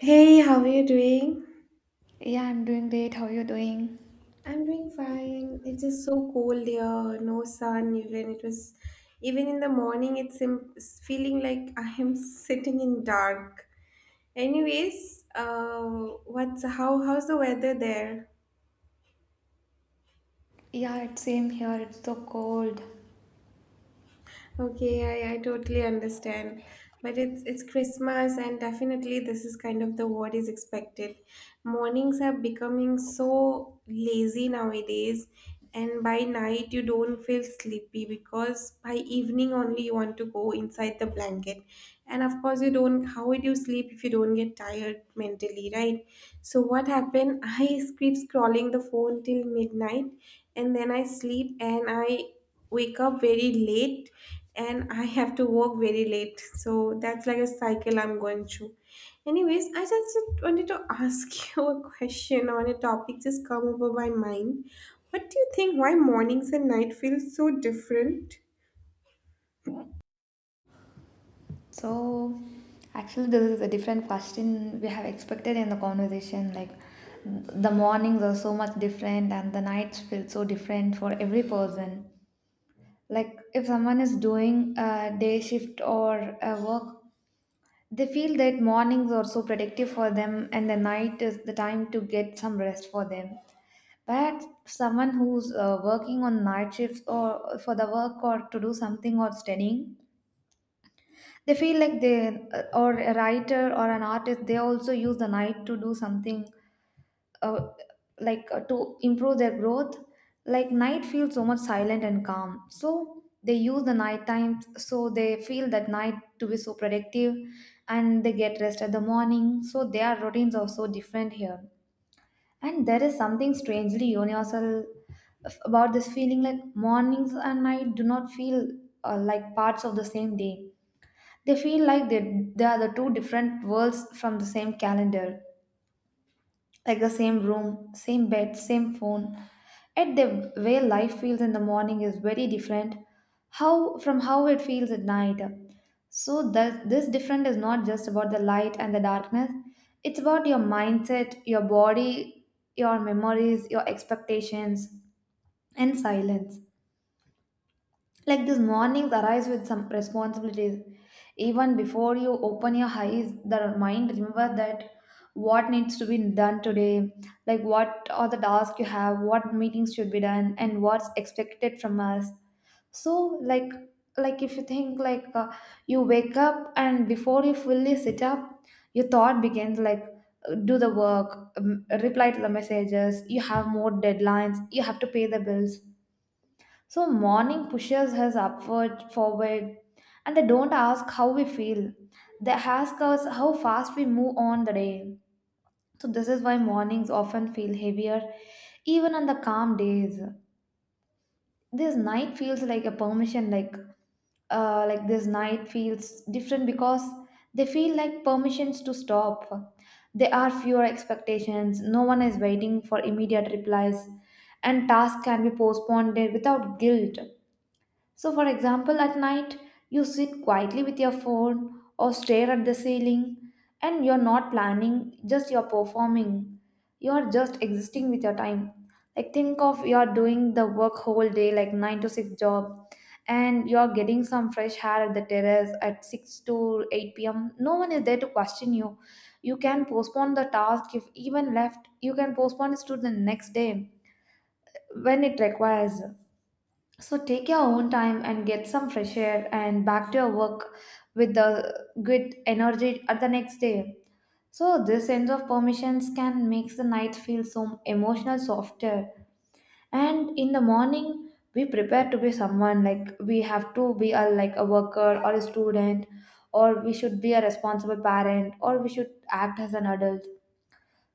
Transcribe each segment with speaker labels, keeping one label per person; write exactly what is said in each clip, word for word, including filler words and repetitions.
Speaker 1: Hey, how are you doing?
Speaker 2: Yeah, I'm doing great. How are you doing?
Speaker 1: I'm doing fine. It's just so cold here. No sun even. It was even in the morning it's im- it's feeling like I am sitting in dark. Anyways, uh what's how how's the weather there?
Speaker 2: Yeah, it's same here. It's so cold.
Speaker 1: Okay, I, I totally understand. But it's it's Christmas and definitely this is kind of the what is expected. Mornings are becoming so lazy nowadays, and by night you don't feel sleepy because by evening only you want to go inside the blanket. And of course you don't how would you sleep if you don't get tired mentally, right? So what happened? I keep scrolling the phone till midnight, and then I sleep and I wake up very late, and I have to work very late. So that's like a cycle I'm going through. Anyways, I just wanted to ask you a question on a topic just come over my mind. What do you think why mornings and night feel so different?
Speaker 2: So, actually, this is a different question we have expected in the conversation. Like, the mornings are so much different, and the nights feel so different for every person. Like, if someone is doing a day shift or a work, they feel that mornings are so productive for them, and the night is the time to get some rest for them. That someone who's uh, working on night shifts or for the work or to do something or studying, they feel like they, uh, or a writer or an artist, they also use the night to do something uh, like uh, to improve their growth. Like night feels so much silent and calm. So they use the night times, so they feel that night to be so productive and they get rest at the morning. So their routines are so different here. And there is something strangely universal f- about this feeling like mornings and night do not feel uh, like parts of the same day. They feel like they, they are the two different worlds from the same calendar, like the same room, same bed, same phone. Yet the way life feels in the morning is very different how from how it feels at night. So that this different is not just about the light and the darkness. It's about your mindset, your body, your memories, your expectations, and silence. Like these mornings arise with some responsibilities. Even before you open your eyes, the mind remember that what needs to be done today, like what are the tasks you have, what meetings should be done, and what's expected from us. So like like if you think like uh, you wake up and before you fully sit up, your thought begins like uh, do the work, um, reply to the messages. You have more deadlines. You have to pay the bills, so morning pushes us upward, forward, and they don't ask how we feel. They ask us how fast we move on the day. So this is why mornings often feel heavier, even on the calm days. This night feels like a permission. Like uh, like this night feels different because they feel like permissions to stop. There are fewer expectations, no one is waiting for immediate replies, and tasks can be postponed without guilt. So, for example, at night you sit quietly with your phone or stare at the ceiling and you're not planning, just you're performing. You're just existing with your time. Like, think of you're doing the work whole day, like nine to six job, and you're getting some fresh air at the terrace at six to eight p m. No one is there to question you. You can postpone the task if even left, you can postpone it to the next day when it requires, so take your own time and get some fresh air and back to your work with the good energy at the next day. So this sense of permissions can make the night feel so emotional softer. And in the morning, we prepare to be someone like we have to be a like a worker or a student, or we should be a responsible parent, or we should act as an adult.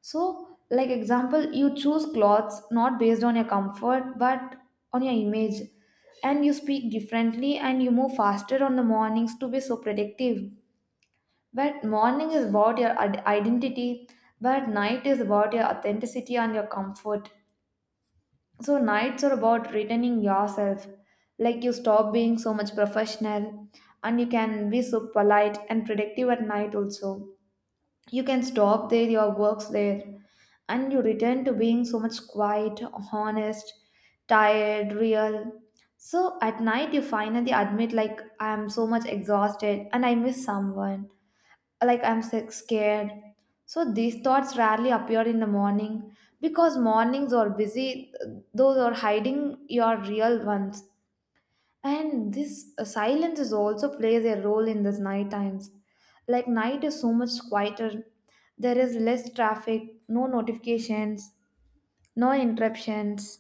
Speaker 2: So, like example, you choose clothes not based on your comfort but on your image, and you speak differently and you move faster on the mornings to be so productive. But morning is about your ad- identity, but night is about your authenticity and your comfort. So nights are about returning yourself. Like you stop being so much professional and you can be so polite and productive at night also. You can stop there your works there and you return to being so much quiet, honest, tired, real. So at night, you finally admit, like, I am so much exhausted and I miss someone, like, I'm sick, scared. So these thoughts rarely appear in the morning because mornings are busy, those are hiding your real ones. And this uh, silence is also plays a role in this night times. Like night is so much quieter. There is less traffic, no notifications, no interruptions.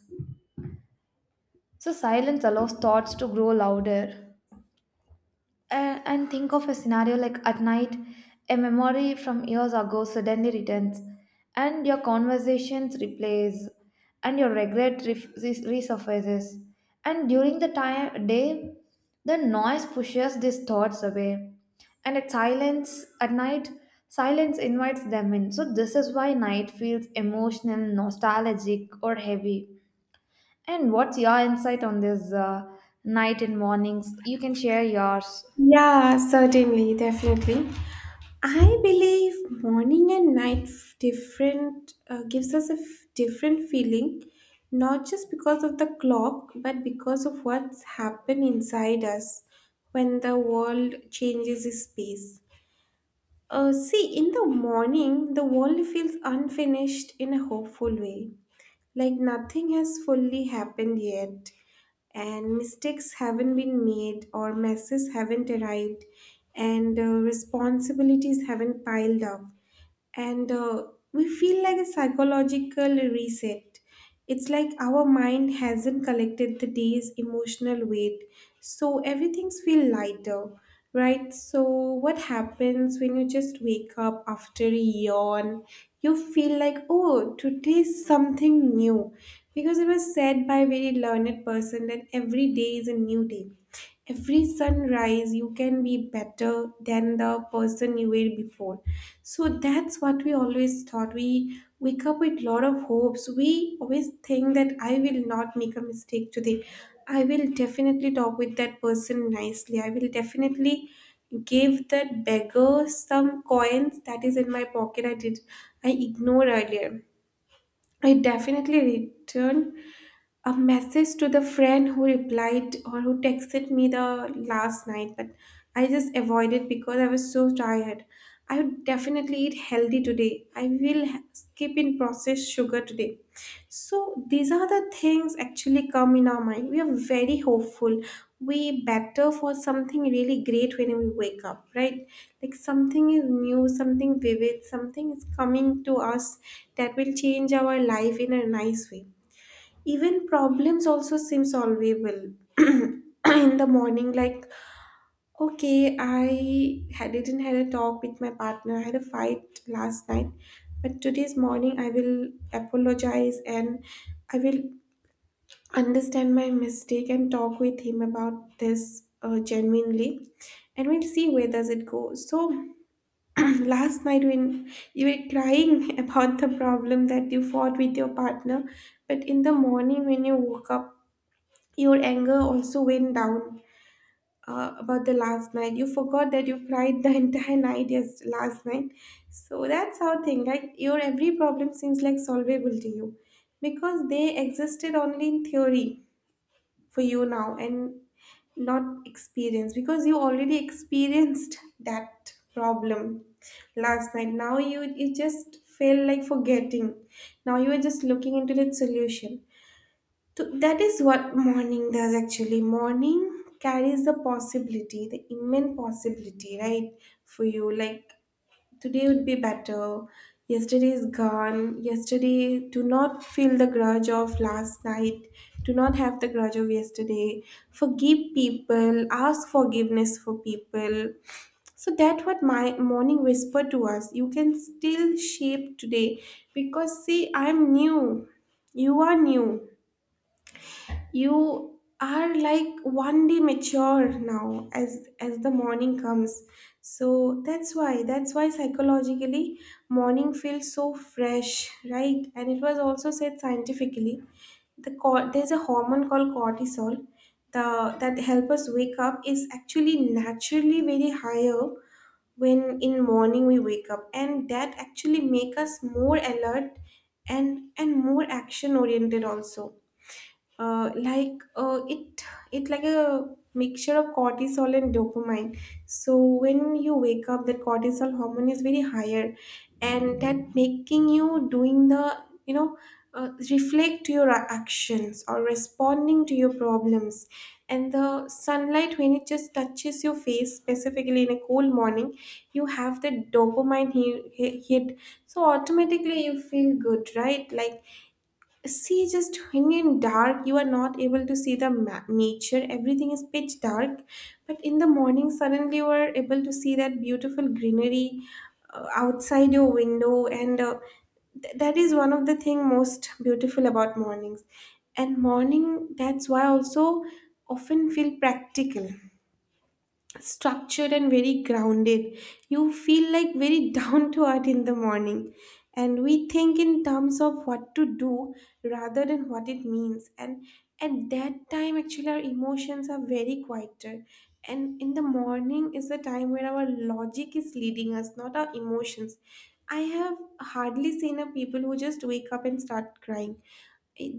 Speaker 2: So silence allows thoughts to grow louder. And, and think of a scenario like at night, a memory from years ago suddenly returns, and your conversations replays, and your regret ref- res- resurfaces. And during the time day, the noise pushes these thoughts away, and at silence at night, silence invites them in. So this is why night feels emotional, nostalgic, or heavy. And what's your insight on this uh, night and mornings? You can share yours.
Speaker 1: Yeah, certainly, definitely. I believe morning and night f- different uh, gives us a f- different feeling, not just because of the clock, but because of what's happened inside us when the world changes its pace. Uh, see, in the morning, the world feels unfinished in a hopeful way, like nothing has fully happened yet, and mistakes haven't been made or messes haven't arrived, and uh, responsibilities haven't piled up, and uh, we feel like a psychological reset. It's like our mind hasn't collected the day's emotional weight, so everything's feel lighter, right? So what happens when you just wake up after a yawn? You feel like, oh, today is something new, because it was said by a very learned person that every day is a new day. Every sunrise, you can be better than the person you were before, so that's what we always thought. We wake up with lot of hopes. We always think that I will not make a mistake today. I will definitely talk with that person nicely. I will definitely give that beggar some coins that is in my pocket. I did I ignored earlier. I definitely return a message to the friend who replied or who texted me the last night, but I just avoided because I was so tired. I would definitely eat healthy today. I will ha- skip in processed sugar today. So these are the things actually come in our mind. We are very hopeful. We better for something really great when we wake up, right? Like something is new, something vivid, something is coming to us that will change our life in a nice way. Even problems also seem solvable in the morning, like okay, I had, didn't had a talk with my partner, I had a fight last night, but today's morning I will apologize, and I will understand my mistake and talk with him about this uh, genuinely, and we'll see where does it go. So last night when you were crying about the problem that you fought with your partner, but in the morning when you woke up, your anger also went down uh, about the last night. You forgot that you cried the entire night, yes, last night. So that's how thing, right? Your every problem seems like solvable to you because they existed only in theory for you now and not experience because you already experienced that problem last night. Now you you just feel like forgetting. Now you are just looking into the solution, so that is what morning does actually. Morning carries the possibility, the immense possibility, right? For you, like today would be better. Yesterday is gone. Yesterday, do not feel the grudge of last night. Do not have the grudge of yesterday. Forgive people. Ask forgiveness for people. So that what my morning whisper to us. You can still shape today because see, I'm new. You are new, you are like one day mature now as as the morning comes, so that's why that's why psychologically morning feels so fresh, right? And it was also said scientifically the cor- there's a hormone called cortisol, the that help us wake up is actually naturally very higher when in morning we wake up, and that actually make us more alert, and and more action oriented also. uh, like uh, it it like a mixture of cortisol and dopamine. So when you wake up, that cortisol hormone is very higher, and that making you doing the, you know, uh, reflect to your actions or responding to your problems. And the sunlight when it just touches your face specifically in a cold morning, you have the dopamine he- he- hit, so automatically you feel good, right? Like see, just when in dark, you are not able to see the ma- nature. Everything is pitch dark, but in the morning, suddenly you are able to see that beautiful greenery uh, outside your window, and uh, th- that is one of the thing most beautiful about mornings. And morning, that's why also often feel practical, structured and very grounded. You feel like very down to earth in the morning. And we think in terms of what to do rather than what it means. And at that time, actually, our emotions are very quieter. And in the morning is the time where our logic is leading us, not our emotions. I have hardly seen a people who just wake up and start crying.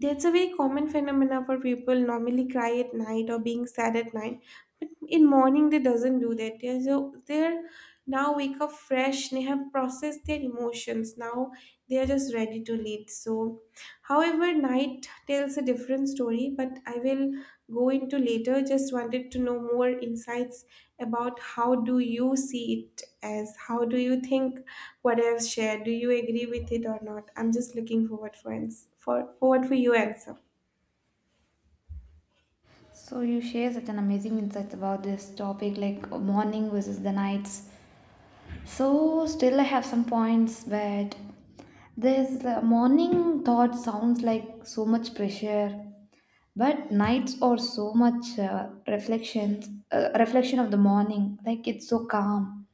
Speaker 1: That's a very common phenomena for people normally cry at night or being sad at night. But in morning they doesn't do that. They're so they're now wake up fresh. They have processed their emotions. Now they are just ready to lead. So however, night tells a different story, but I will go into later. Just wanted to know more insights about how do you see it as how do you think what I've shared? Do you agree with it or not? I'm just looking forward for ans- for forward for your answer.
Speaker 2: So you share such an amazing insights about this topic, like morning versus the nights. So still I have some points, but this uh, morning thought sounds like so much pressure, but nights are so much uh, reflections, uh, reflection of the morning. Like it's so calm.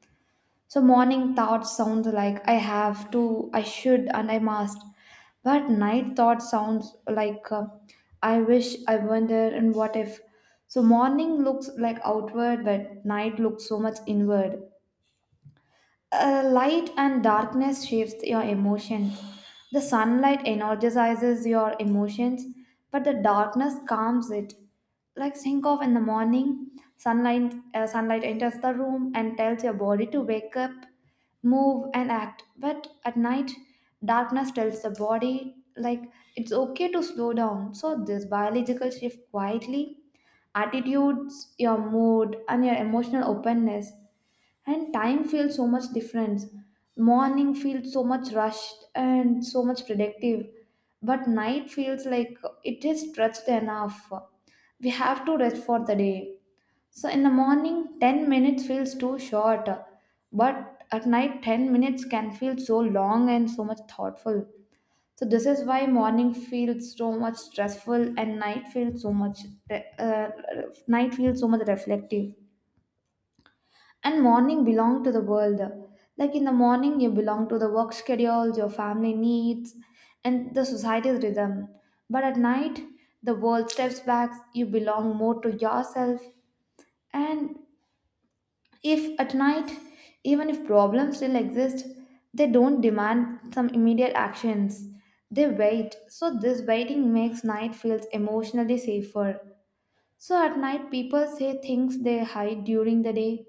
Speaker 2: So morning thoughts sound like I have to, I should, and I must. But night thoughts sounds like uh, I wish, I wonder, and what if. So morning looks like outward, but night looks so much inward. Uh, light and darkness shapes your emotions. The sunlight energizes your emotions, but the darkness calms it. Like think of in the morning, sunlight uh, sunlight enters the room and tells your body to wake up, move and act. But at night, darkness tells the body like it's okay to slow down. So this biological shift quietly attitudes, your mood and your emotional openness, and time feels so much different. Morning feels so much rushed and so much productive, but night feels like it is stretched enough. We have to rest for the day, so in the morning ten minutes feels too short, but at night ten minutes can feel so long and so much thoughtful. So this is why morning feels so much stressful and night feels so much uh, night feels so much reflective. And morning belong to the world, like in the morning you belong to the work schedules, your family needs, and the society's rhythm. But at night, the world steps back, you belong more to yourself. And if at night, even if problems still exist, they don't demand some immediate actions, they wait. So this waiting makes night feels emotionally safer. So at night, people say things they hide during the day,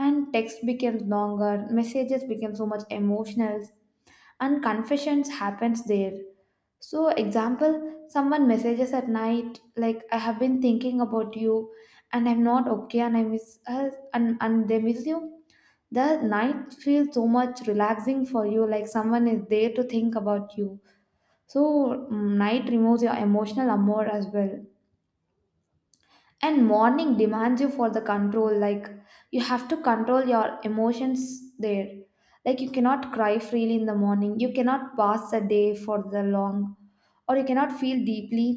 Speaker 2: and text becomes longer, messages become so much emotional, and confessions happens there. So example, someone messages at night like I have been thinking about you, and I'm not okay, and I miss us, and and they miss you. The night feels so much relaxing for you, like someone is there to think about you. So mm, night removes your emotional armor as well, and morning demands you for the control, like you have to control your emotions there. Like you cannot cry freely in the morning, you cannot pass the day for the long, or you cannot feel deeply.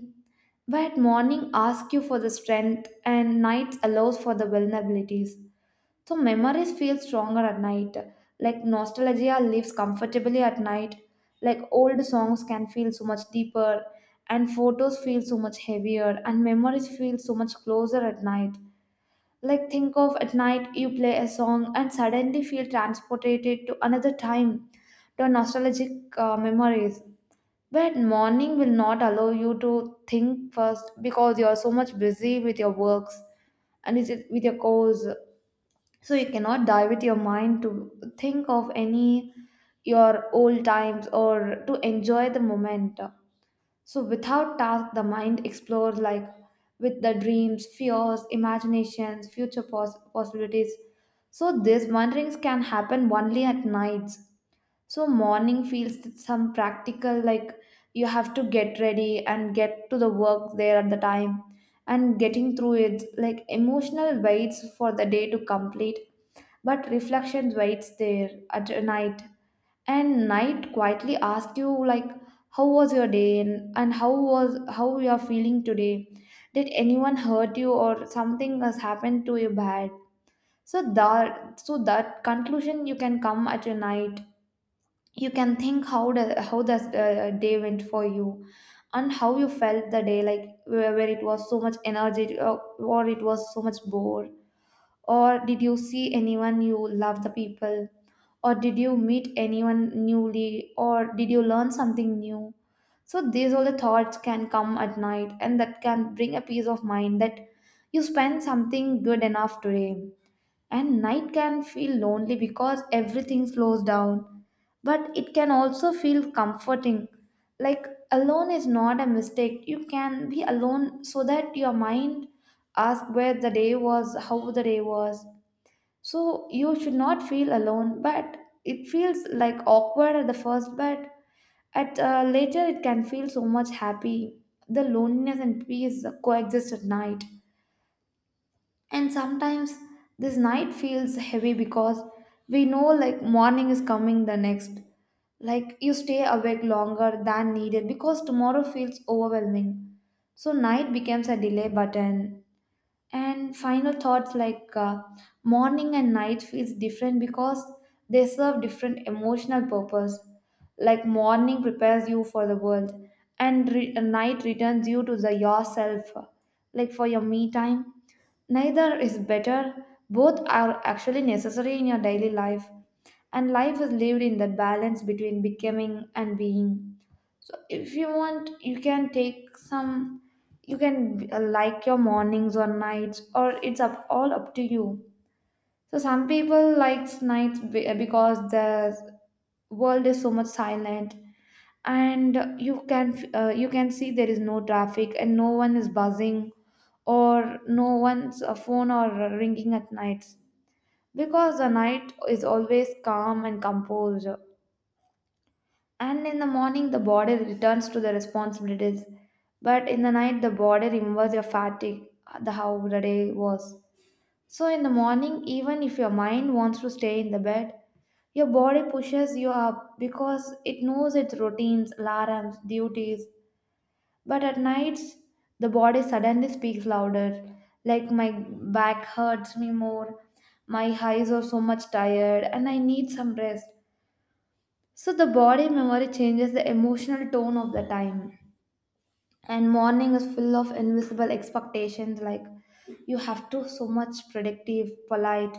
Speaker 2: But morning asks you for the strength and night allows for the vulnerabilities. So memories feel stronger at night. Like nostalgia lives comfortably at night. Like old songs can feel so much deeper and photos feel so much heavier and memories feel so much closer at night. Like think of at night you play a song and suddenly feel transported to another time, to nostalgic uh, memories. But morning will not allow you to think first because you are so much busy with your works and is it with your course. So you cannot die with your mind to think of any your old times or to enjoy the moment. So without task the mind explores, like with the dreams, fears, imaginations, future pos- possibilities. So these wanderings can happen only at nights. So morning feels that some practical, like you have to get ready and get to the work there at the time, and getting through it like emotional waits for the day to complete. But reflection waits there at night, and night quietly asks you like how was your day, and, and how was how you are feeling today. Did anyone hurt you or something has happened to you bad? So that so that conclusion you can come at your night. You can think how the how the uh, day went for you, and how you felt the day, like where, where it was so much energy, uh, or it was so much bored, or did you see anyone you love the people, or did you meet anyone newly, or did you learn something new. So these all the thoughts can come at night and that can bring a peace of mind that you spend something good enough today. And night can feel lonely because everything slows down, but it can also feel comforting. Like alone is not a mistake, you can be alone so that your mind asks where the day was how the day was, so you should not feel alone, but it feels like awkward at the first, but at uh, later it can feel so much happy. The loneliness and peace coexist at night. And sometimes this night feels heavy because we know like morning is coming the next. Like you stay awake longer than needed because tomorrow feels overwhelming. So night becomes a delay button and final thoughts like uh, morning and night feels different because they serve different emotional purpose. Like morning prepares you for the world, and re- uh, night returns you to the yourself, like for your me time. Neither is better. Both are actually necessary in your daily life, and life is lived in that balance between becoming and being. So if you want, you can take some. You can uh, like your mornings or nights, or it's up all up to you. So some people likes nights be- uh, because the world is so much silent, and you can uh, you can see there is no traffic and no one is buzzing or no one's uh, phone or ringing at nights because the night is always calm and composed. And in the morning, the body returns to the responsibilities. But in the night, the body remembers your fatigue, the how the day was. So in the morning, even if your mind wants to stay in the bed, your body pushes you up because it knows its routines, alarms, duties. But at nights, the body suddenly speaks louder, like my back hurts me more, my eyes are so much tired, and I need some rest. So the body memory changes the emotional tone of the time. And morning is full of invisible expectations like you have to so much predictive, polite,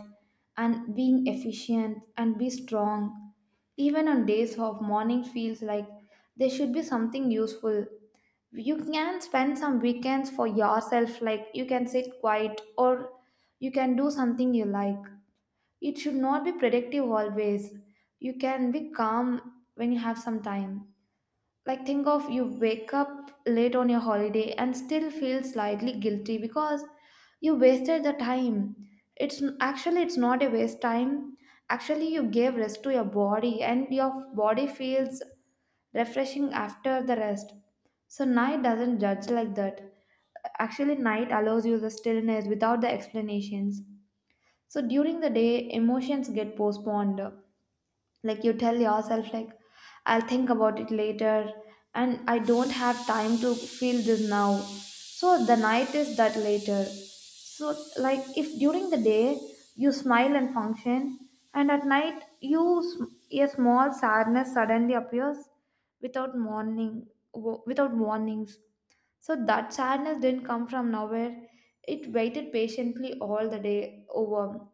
Speaker 2: and being efficient and be strong. Even on days off, morning feels like there should be something useful. You can spend some weekends for yourself, like you can sit quiet or you can do something you like. It should not be predictive always. You can be calm when you have some time. Like, think of you wake up late on your holiday and still feel slightly guilty because you wasted the time. It's actually it's not a waste time. Actually, you gave rest to your body and your body feels refreshing after the rest. So night doesn't judge like that. Actually, night allows you the stillness without the explanations. So during the day, emotions get postponed. Like you tell yourself, like, I'll think about it later, and I don't have time to feel this now. So the night is that later. So, like, if during the day you smile and function, and at night you sm- a small sadness suddenly appears without warning, wo- without warnings. So that sadness didn't come from nowhere. It waited patiently all the day over,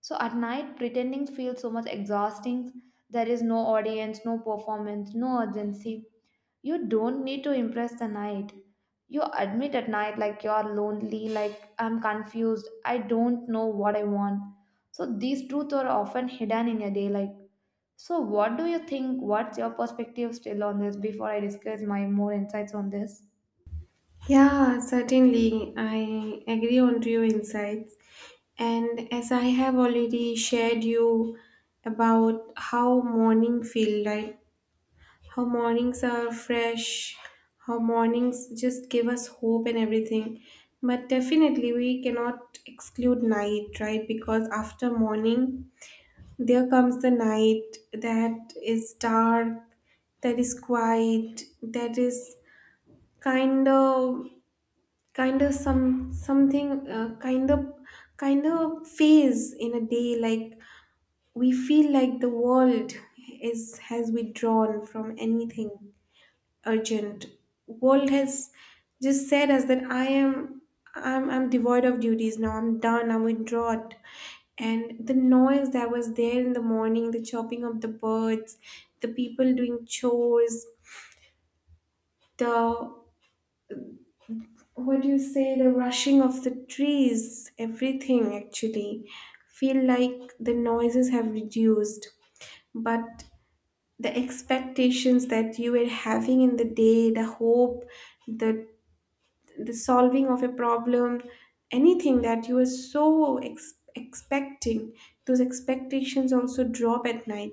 Speaker 2: so at night, pretending feels so much exhausting. There is no audience, no performance, no urgency. You don't need to impress the night. You admit at night like you're lonely, like I'm confused, I don't know what I want. So these truths are often hidden in your day. Like, so what do you think? What's your perspective still on this before I discuss my more insights on this?
Speaker 1: Yeah, certainly. I agree on to your insights. And as I have already shared you about how morning feel like. Her mornings are fresh. Her mornings just give us hope and everything. But definitely, we cannot exclude night, right? Because after morning, there comes the night that is dark, that is quiet, that is kind of kind of some something uh, kind of kind of phase in a day, like we feel like the world is has withdrawn from anything urgent. World has just said us that I am I'm I'm devoid of duties now, I'm done, I'm withdrawn. And the noise that was there in the morning, the chopping of the birds, the people doing chores, the what do you say, the rushing of the trees, everything actually feel like the noises have reduced. But the expectations that you were having in the day, the hope, the the solving of a problem, anything that you were so ex- expecting, those expectations also drop at night.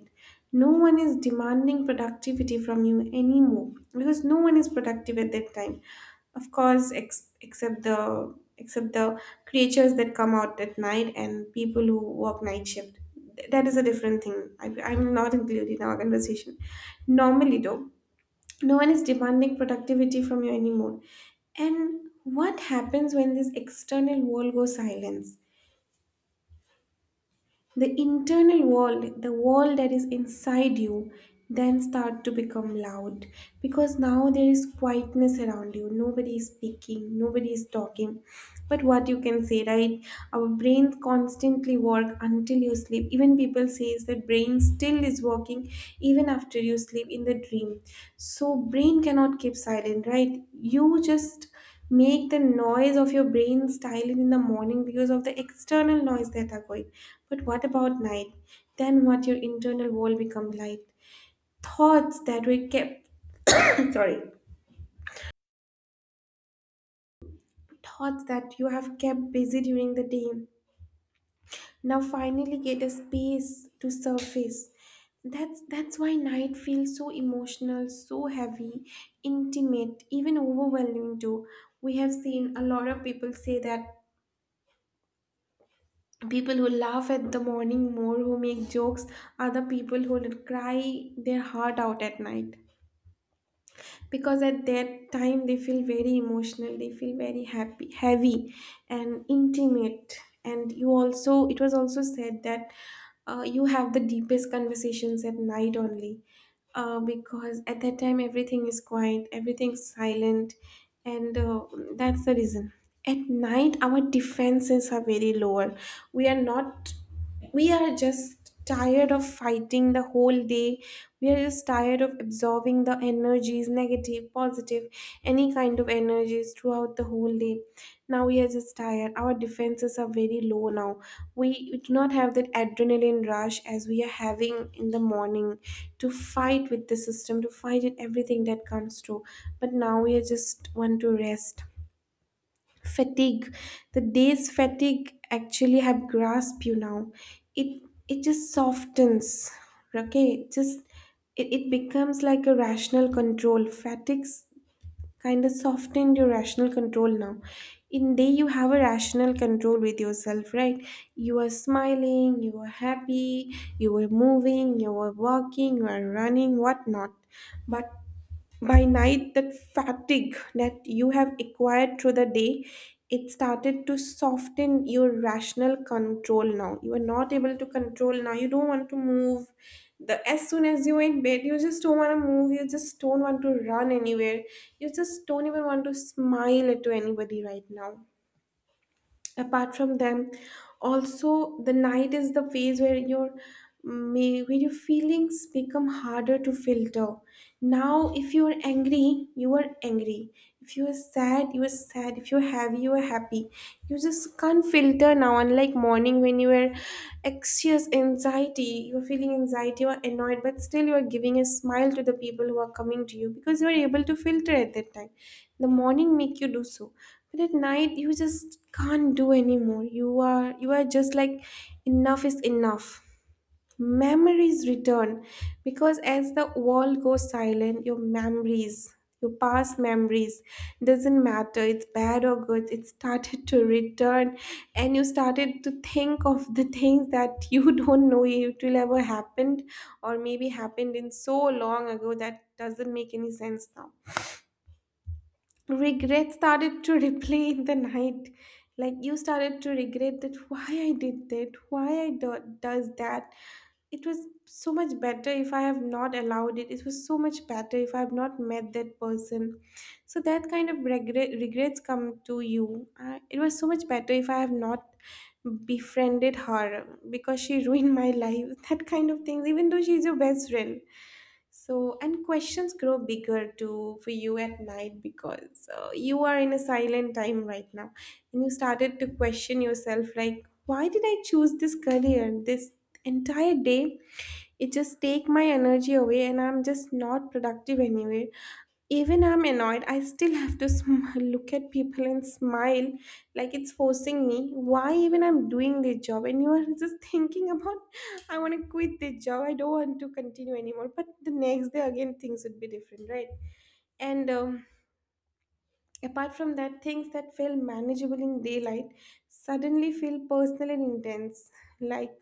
Speaker 1: No one is demanding productivity from you anymore because no one is productive at that time. Of course, ex- except the except the creatures that come out at night and people who work night shift. Th- that is a different thing, I, I'm not included in our conversation normally though. No one is demanding productivity from you anymore, and what happens when this external world goes silent, the internal world, the world that is inside you, then start to become loud, because now there is quietness around you. Nobody is speaking, nobody is talking. But what you can say, right? Our brains constantly work until you sleep. Even people says that brain still is working even after you sleep in the dream. So brain cannot keep silent, right? You just make the noise of your brain silent in the morning because of the external noise that are going. But what about night? Then what your internal world become light. Thoughts that were kept sorry. Thoughts that you have kept busy during the day now finally get a space to surface. That's that's why night feels so emotional, so heavy, intimate, even overwhelming too. We have seen a lot of people say that people who laugh at the morning more who make jokes are the people who will cry their heart out at night because at that time they feel very emotional, they feel very happy, heavy, and intimate. And you also it was also said that uh, you have the deepest conversations at night only uh, because at that time everything is quiet, everything's silent, and uh, that's the reason. At night, our defenses are very lower. We are not, we are just tired of fighting the whole day. We are just tired of absorbing the energies, negative positive, any kind of energies throughout the whole day. Now we are just tired. Our defenses are very low now. We do not have that adrenaline rush as we are having in the morning to fight with the system, to fight with everything that comes through. But now we are just want to rest. Fatigue. The day's fatigue actually have grasped you now. It it just softens. Okay, just it, it becomes like a rational control. Fatigues kind of softened your rational control now, in day you have a rational control with yourself, right? You are smiling, you are happy, you are moving, you are walking, you are running, whatnot. But by night, that fatigue that you have acquired through the day, it started to soften your rational control now. You are not able to control now. You don't want to move. The As soon as you are in bed, you just don't want to move. You just don't want to run anywhere. You just don't even want to smile to anybody right now, apart from them. Also the night is the phase where your may where your feelings become harder to filter now. If you are angry, you are angry. If you are sad, you are sad. If you're happy, you are happy. You just can't filter now, unlike morning when you were anxious anxiety you are feeling anxiety or annoyed, but still you are giving a smile to the people who are coming to you because you are able to filter at that time. The morning make you do so. But at night, you just can't do anymore. You are you are just like enough is enough. Memories return because as the world goes silent, your memories, your past memories, doesn't matter. It's bad or good. It started to return, and you started to think of the things that you don't know it will ever happened, or maybe happened in so long ago that doesn't make any sense now. Regret started to replay in the night, like you started to regret that, why I did that, why i do- does that, it was so much better if I have not allowed it, it was so much better if I have not met that person. So that kind of regret regrets come to you. Uh, it was so much better if I have not befriended her because she ruined my life, that kind of things, even though she's your best friend. So, and questions grow bigger too for you at night because uh, you are in a silent time right now. And you started to question yourself, like, why did I choose this career? This entire day, it just take my energy away and I'm just not productive anywhere. Even I'm annoyed, I still have to sm- look at people and smile, like it's forcing me. Why even I'm doing this job? And you are just thinking about, I want to quit this job. I don't want to continue anymore. But the next day again, things would be different, right? And um, Apart from that, things that feel manageable in daylight suddenly feel personal and intense. Like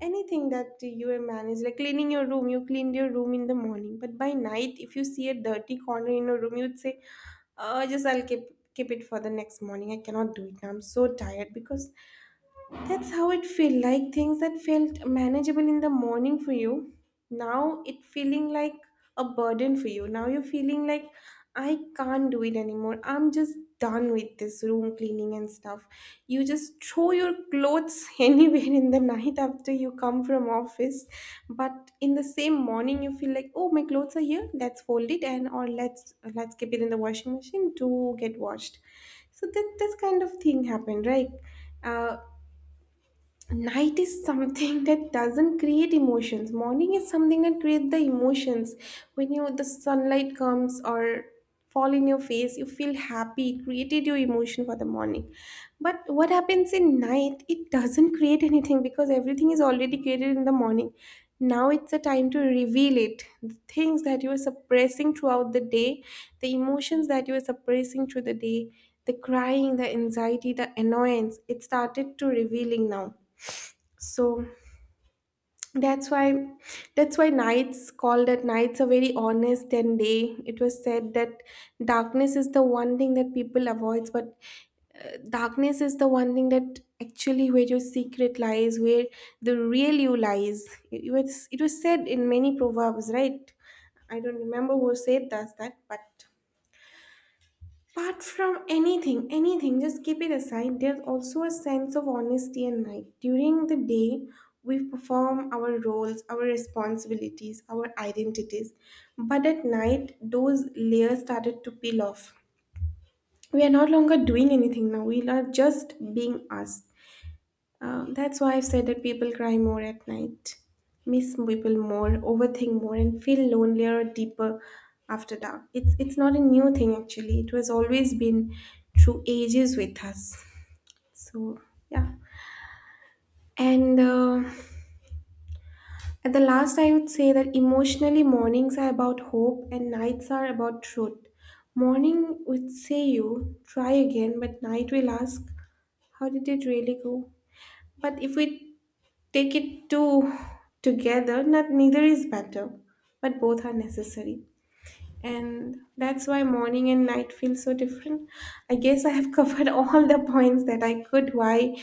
Speaker 1: anything that you have managed, like cleaning your room, you cleaned your room in the morning, but by night, if you see a dirty corner in your room, you'd say, uh, just I'll keep keep it for the next morning. I cannot do it now. I'm so tired, because that's how it felt like, things that felt manageable in the morning for you. Now it feeling like a burden for you. Now you're feeling like I can't do it anymore. I'm just done with this room cleaning and stuff. You just throw your clothes anywhere in the night after you come from office. But in the same morning you feel like, oh, my clothes are here, let's fold it, and or let's let's keep it in the washing machine to get washed. So that this kind of thing happened, right? Uh, Night is something that doesn't create emotions. Morning is something that creates the emotions. When you the sunlight comes or fall in your face, you feel happy, it created your emotion for the morning. But what happens in night, it doesn't create anything because everything is already created in the morning. Now it's a time to reveal it, the things that you were suppressing throughout the day, the emotions that you were suppressing through the day, the crying, the anxiety, the annoyance, it started to revealing now. So that's why that's why nights called that nights are very honest. And day it was said that darkness is the one thing that people avoids, but uh, darkness is the one thing that actually where your secret lies, where the real you lies. It it was it was said in many proverbs, right? I don't remember who said that that but apart from anything, anything, just keep it aside. There's also a sense of honesty and night. During the day, we perform our roles, our responsibilities, our identities. But at night, those layers started to peel off. We are no longer doing anything now. We are just being us. Uh, that's why I've said that people cry more at night, miss people more, overthink more, and feel lonelier deeper after dark. It's it's not a new thing actually. It was always been through ages with us. So yeah. And uh, At the last, I would say that emotionally, mornings are about hope and nights are about truth. Morning would say you try again, but night will ask, how did it really go? But if we take it to together, not neither is better, but both are necessary, and that's why morning and night feel so different. I guess I have covered all the points that I could, why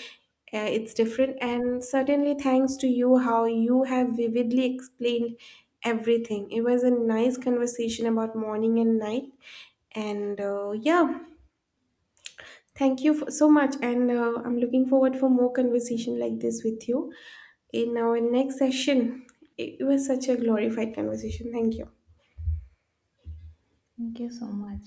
Speaker 1: uh, it's different. And certainly thanks to you, how you have vividly explained everything. It was a nice conversation about morning and night. And uh, Yeah, thank you for, so much. And uh, I'm looking forward for more conversation like this with you in our next session. It was such a glorified conversation. Thank you.
Speaker 2: Thank you so much.